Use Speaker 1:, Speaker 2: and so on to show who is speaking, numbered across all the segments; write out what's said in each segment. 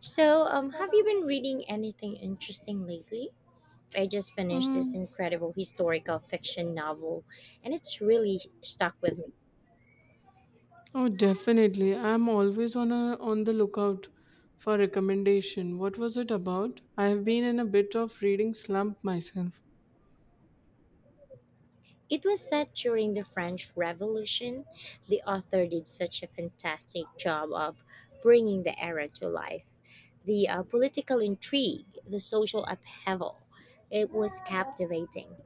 Speaker 1: So, have you been reading anything interesting lately? I just finished this
Speaker 2: Mm,
Speaker 1: incredible historical fiction novel, and it's really stuck with me.
Speaker 2: oh, definitely. I'm always on the lookout for recommendation. What was it about? I have been in a bit of reading slump myself.
Speaker 1: It was set during the French Revolution. The author did such a fantastic job of bringing the era to life. The political intrigue, the social upheaval, it was captivating.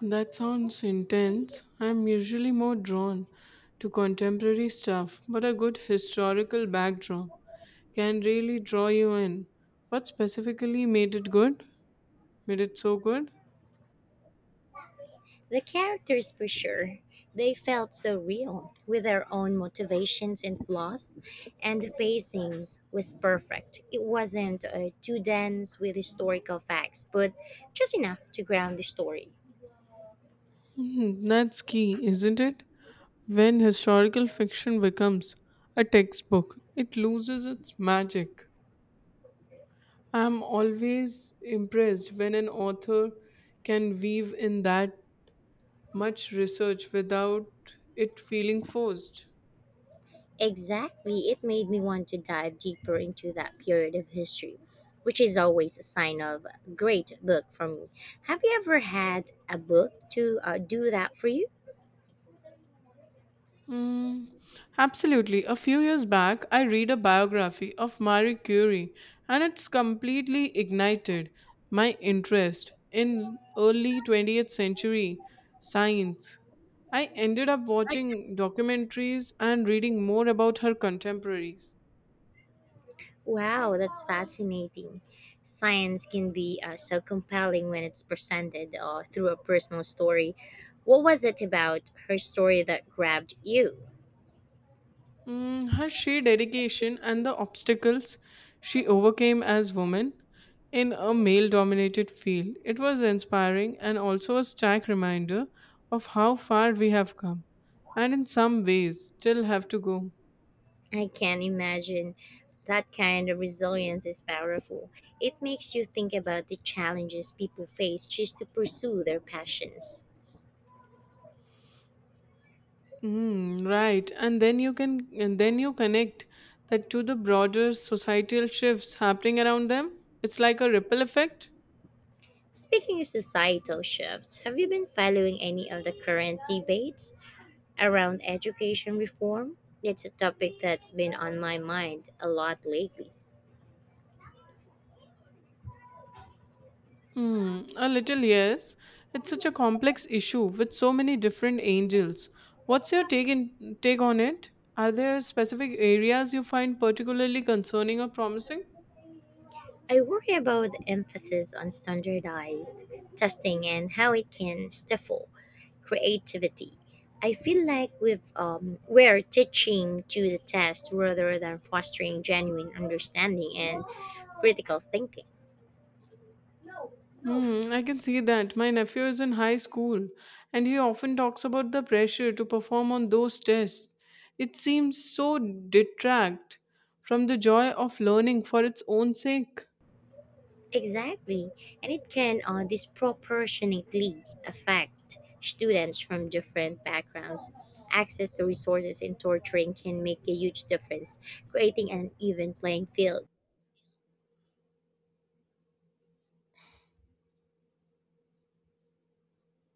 Speaker 2: That sounds intense. I'm usually more drawn to contemporary stuff, but a good historical backdrop can really draw you in. What specifically made it good? Made it so good?
Speaker 1: The characters, for sure, they felt so real with their own motivations and flaws, and the pacing was perfect. It wasn't too dense with historical facts, but just enough to ground the story.
Speaker 2: Hmm, that's key, isn't it? When historical fiction becomes a textbook, it loses its magic. I am always impressed when an author can weave in that much research without it feeling forced.
Speaker 1: Exactly, it made me want to dive deeper into that period of history, which is always a sign of a great book for me. Have you ever had a book to do that for you?
Speaker 2: Mm, absolutely. A few years back, I read a biography of Marie Curie, and it's completely ignited my interest in early 20th century science. I ended up watching documentaries and reading more about her contemporaries.
Speaker 1: Wow, that's fascinating. Science can be so compelling when it's presented through a personal story. What was it about her story that grabbed you?
Speaker 2: Mm, her sheer dedication and the obstacles she overcame as women in a male dominated field, it was inspiring and also a stark reminder of how far we have come and in some ways still have to go.
Speaker 1: I can imagine that kind of resilience is powerful. It makes you think about the challenges people face just to pursue their passions.
Speaker 2: Mm, right, and then you connect that to the broader societal shifts happening around them. It's like a ripple effect.
Speaker 1: Speaking of societal shifts, have you been following any of the current debates around education reform? It's a topic that's been on my mind a lot lately.
Speaker 2: Hmm, a little, yes. It's such a complex issue with so many different angels. What's your take on it? Are there specific areas you find particularly concerning or promising?
Speaker 1: I worry about the emphasis on standardized testing and how it can stifle creativity. I feel like we're teaching to the test rather than fostering genuine understanding and critical thinking.
Speaker 2: Hmm, I can see that. My nephew is in high school and he often talks about the pressure to perform on those tests. It seems so detract from the joy of learning for its own sake.
Speaker 1: Exactly, and it can disproportionately affect students from different backgrounds. Access to resources in tutoring can make a huge difference, creating an even playing field.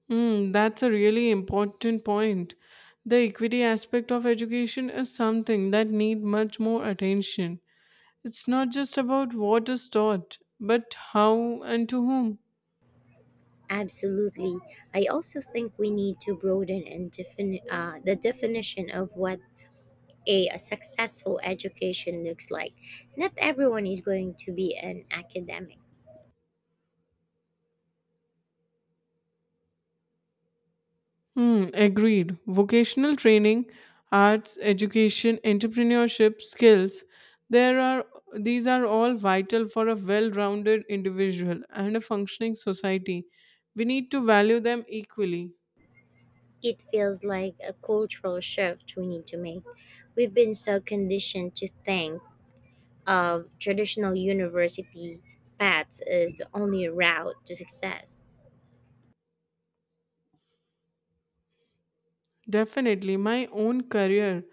Speaker 2: Mm, that's a really important point. The equity aspect of education is something that need much more attention. It's not just about what is taught, but how and to whom.
Speaker 1: Absolutely. I also think we need to broaden and the definition of what a successful education looks like. Not everyone is going to be an academic.
Speaker 2: Hmm, agreed. Vocational training, arts, education, entrepreneurship, skills, there are these are all vital for a well-rounded individual and a functioning society. We need to value them equally.
Speaker 1: It feels like a cultural shift we need to make. We've been so conditioned to think of traditional university paths as the only route to success.
Speaker 2: Definitely, my own career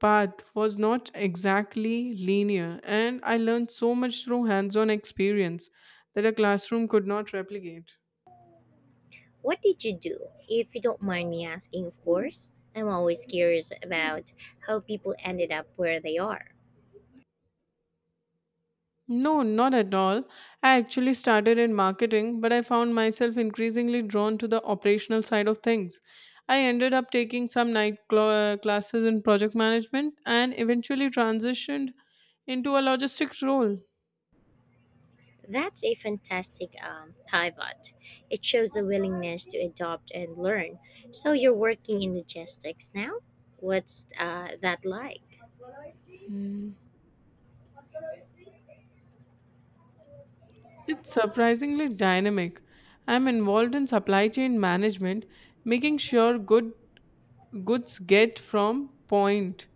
Speaker 2: path was not exactly linear, and I learned so much through hands on experience that a classroom could not replicate.
Speaker 1: What did you do? If you don't mind me asking, of course. I'm always curious about how people ended up where they are.
Speaker 2: No, not at all. I actually started in marketing, but I found myself increasingly drawn to the operational side of things. I ended up taking some night classes in project management and eventually transitioned into a logistics role.
Speaker 1: That's a fantastic pivot. It shows a willingness to adopt and learn. So you're working in logistics now? What's that like?
Speaker 2: It's surprisingly dynamic. I'm involved in supply chain management, making sure goods get from point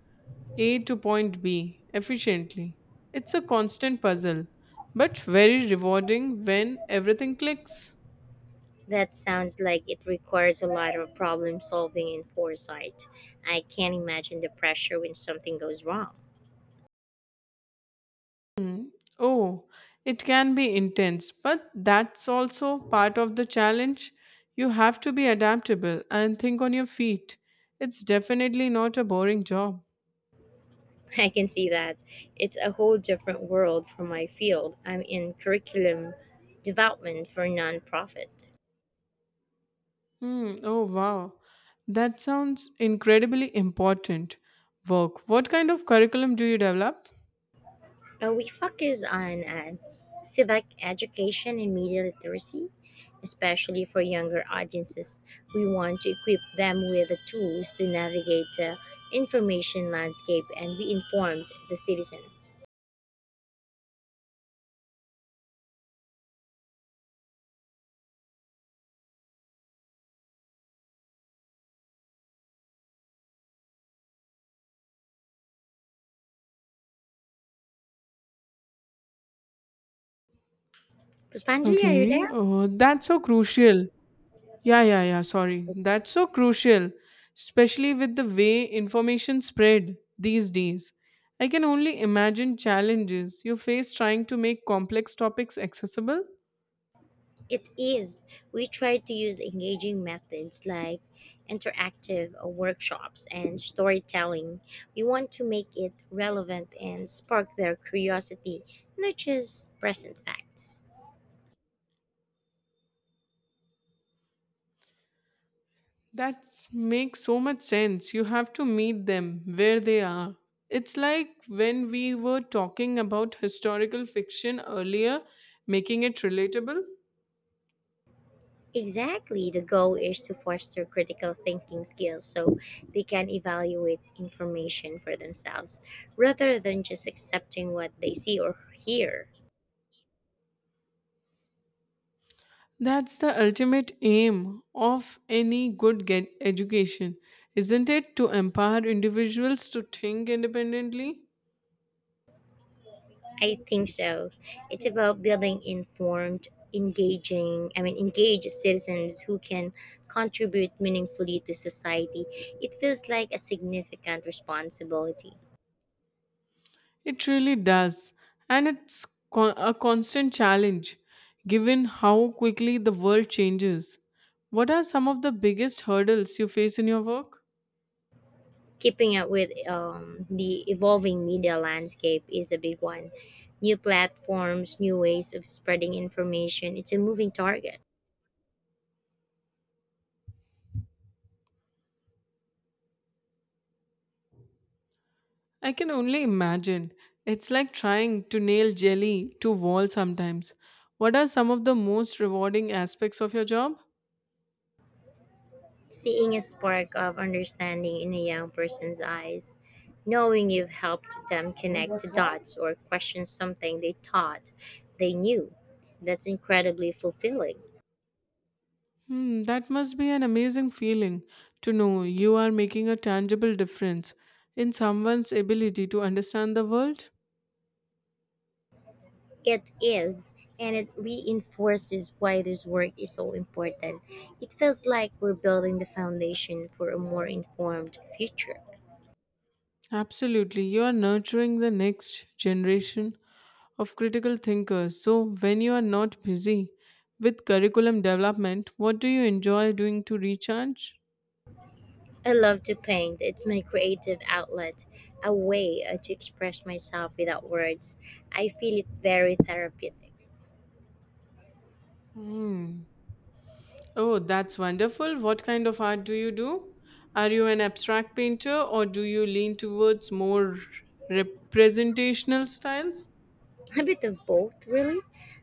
Speaker 2: A to point B efficiently. It's a constant puzzle, but very rewarding when everything clicks.
Speaker 1: That sounds like it requires a lot of problem solving and foresight. I can't imagine the pressure when something goes wrong.
Speaker 2: Oh, it can be intense, but that's also part of the challenge. You have to be adaptable and think on your feet. It's definitely not a boring job.
Speaker 1: I can see that. It's a whole different world from my field. I'm in curriculum development for nonprofit.
Speaker 2: Hmm. Oh, wow. That sounds incredibly important work. What kind of curriculum do you develop?
Speaker 1: We focus on civic education and media literacy, especially for younger audiences. We want to equip them with the tools to navigate the information landscape and be informed the citizen. Puspanjali, are you there?
Speaker 2: Okay. Oh, that's so crucial. Yeah, yeah, yeah. Sorry. That's so crucial, especially with the way information spread these days. I can only imagine challenges you face trying to make complex topics accessible.
Speaker 1: It is. We try to use engaging methods like interactive workshops and storytelling. We want to make it relevant and spark their curiosity, not just present facts.
Speaker 2: That makes so much sense. You have to meet them where they are. It's like when we were talking about historical fiction earlier, making it relatable.
Speaker 1: Exactly. The goal is to foster critical thinking skills so they can evaluate information for themselves rather than just accepting what they see or hear.
Speaker 2: That's the ultimate aim of any good get education, isn't it? To empower individuals to think independently.
Speaker 1: I think so. It's about building informed, engaged citizens who can contribute meaningfully to society. It feels like a significant responsibility.
Speaker 2: It really does. And it's a constant challenge given how quickly the world changes. What are some of the biggest hurdles you face in your work?
Speaker 1: Keeping up with the evolving media landscape is a big one. New platforms, new ways of spreading information, it's a moving target.
Speaker 2: I can only imagine. It's like trying to nail jelly to wall sometimes. What are some of the most rewarding aspects of your job?
Speaker 1: Seeing a spark of understanding in a young person's eyes, knowing you've helped them connect the dots or question something they thought they knew, that's incredibly fulfilling.
Speaker 2: Hmm, that must be an amazing feeling to know you are making a tangible difference in someone's ability to understand the world.
Speaker 1: It is, and it reinforces why this work is so important. It feels like we're building the foundation for a more informed future.
Speaker 2: Absolutely. You are nurturing the next generation of critical thinkers. So, when you are not busy with curriculum development, what do you enjoy doing to recharge?
Speaker 1: I love to paint. It's my creative outlet, a way to express myself without words. I feel it very therapeutic.
Speaker 2: Hmm. Oh, that's wonderful. What kind of art do you do? Are you an abstract painter or do you lean towards more representational styles?
Speaker 1: A bit of both, really.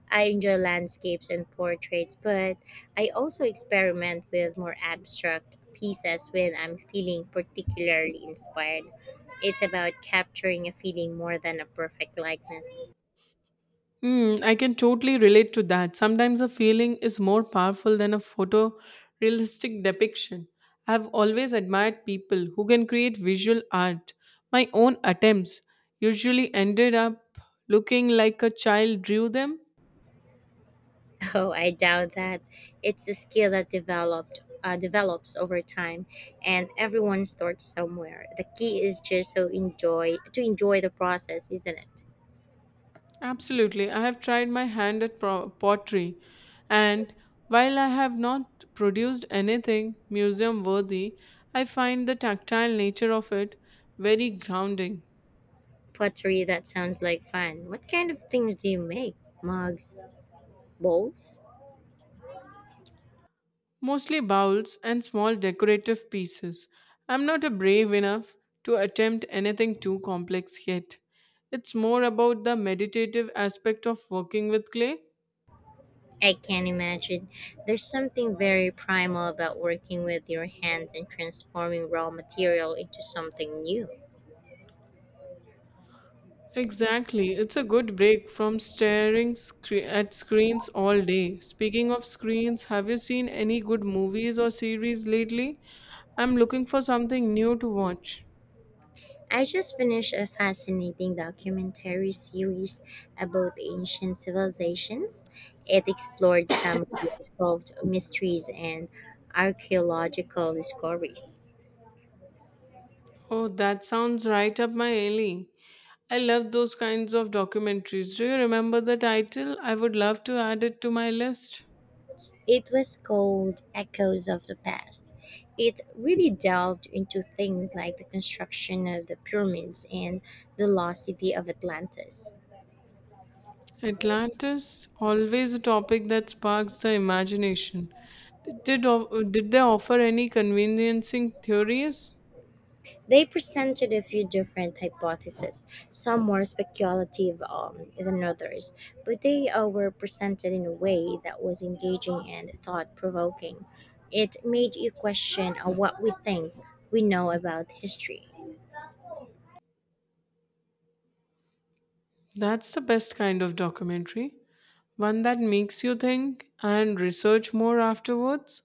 Speaker 1: I enjoy landscapes and portraits, but I also experiment with more abstract pieces when I'm feeling particularly inspired. It's about capturing a feeling more than a perfect likeness.
Speaker 2: Mm, I can totally relate to that. Sometimes a feeling is more powerful than a photorealistic depiction. I've always admired people who can create visual art. My own attempts usually ended up looking like a child drew them.
Speaker 1: Oh, I doubt that. It's a skill that developed develops over time, and everyone starts somewhere. The key is just so enjoy to enjoy the process, isn't it?
Speaker 2: Absolutely. I have tried my hand at pottery, and while I have not produced anything museum worthy, I find the tactile nature of it very grounding.
Speaker 1: Pottery that sounds like fun. What kind of things do you make? Mugs, bowls?
Speaker 2: Mostly bowls and small decorative pieces. I'm not a brave enough to attempt anything too complex yet. It's more about the meditative aspect of working with clay.
Speaker 1: I can imagine. There's something very primal about working with your hands and transforming raw material into something new.
Speaker 2: Exactly, it's a good break from staring at screens all day. Speaking of screens, have you seen any good movies or series lately? I'm looking for something new to watch.
Speaker 1: I just finished a fascinating documentary series about ancient civilizations. It explored some of the unsolved mysteries and archaeological discoveries.
Speaker 2: Oh, that sounds right up my alley. I love those kinds of documentaries. Do you remember the title? I would love to add it to my list.
Speaker 1: It was called Echoes of the Past. It really delved into things like the construction of the pyramids and the lost city of Atlantis.
Speaker 2: Atlantis, always a topic that sparks the imagination. Did they offer any conveniencing theories?
Speaker 1: They presented a few different hypotheses, some more speculative than others, but they were presented in a way that was engaging and thought provoking. It made you question what we think we know about history.
Speaker 2: That's the best kind of documentary. One that makes you think and research more afterwards.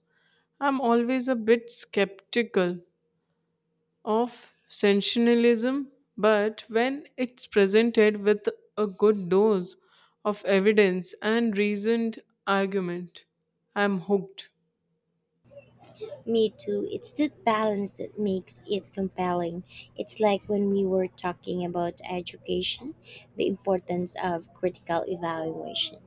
Speaker 2: I'm always a bit skeptical of sensationalism, but when it's presented with a good dose of evidence and reasoned argument, I'm hooked.
Speaker 1: Me too. It's that balance that makes it compelling. It's like when we were talking about education, the importance of critical evaluation.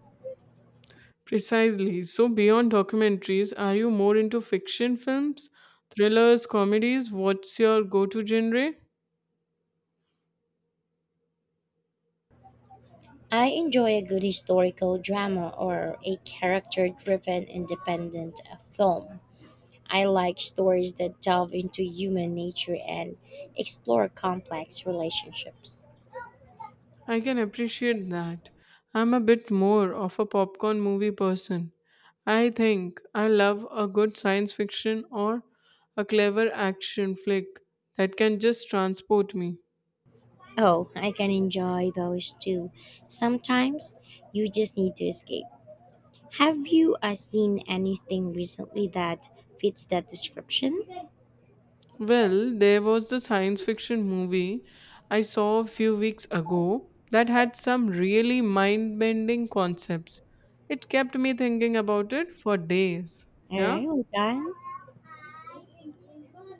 Speaker 2: Precisely. So, beyond documentaries, are you more into fiction films, thrillers, comedies? What's your go to genre?
Speaker 1: I enjoy a good historical drama or a character driven independent film. I like stories that delve into human nature and explore complex relationships.
Speaker 2: I can appreciate that. I'm a bit more of a popcorn movie person. I think I love a good science fiction or a clever action flick that can just transport me.
Speaker 1: Oh, I can enjoy those too. Sometimes you just need to escape. Have you seen anything recently that fits that description?
Speaker 2: Well, there was the science fiction movie I saw a few weeks ago that had some really mind bending concepts. It kept me thinking about it for days.
Speaker 1: All
Speaker 2: Yeah?
Speaker 1: right, well done.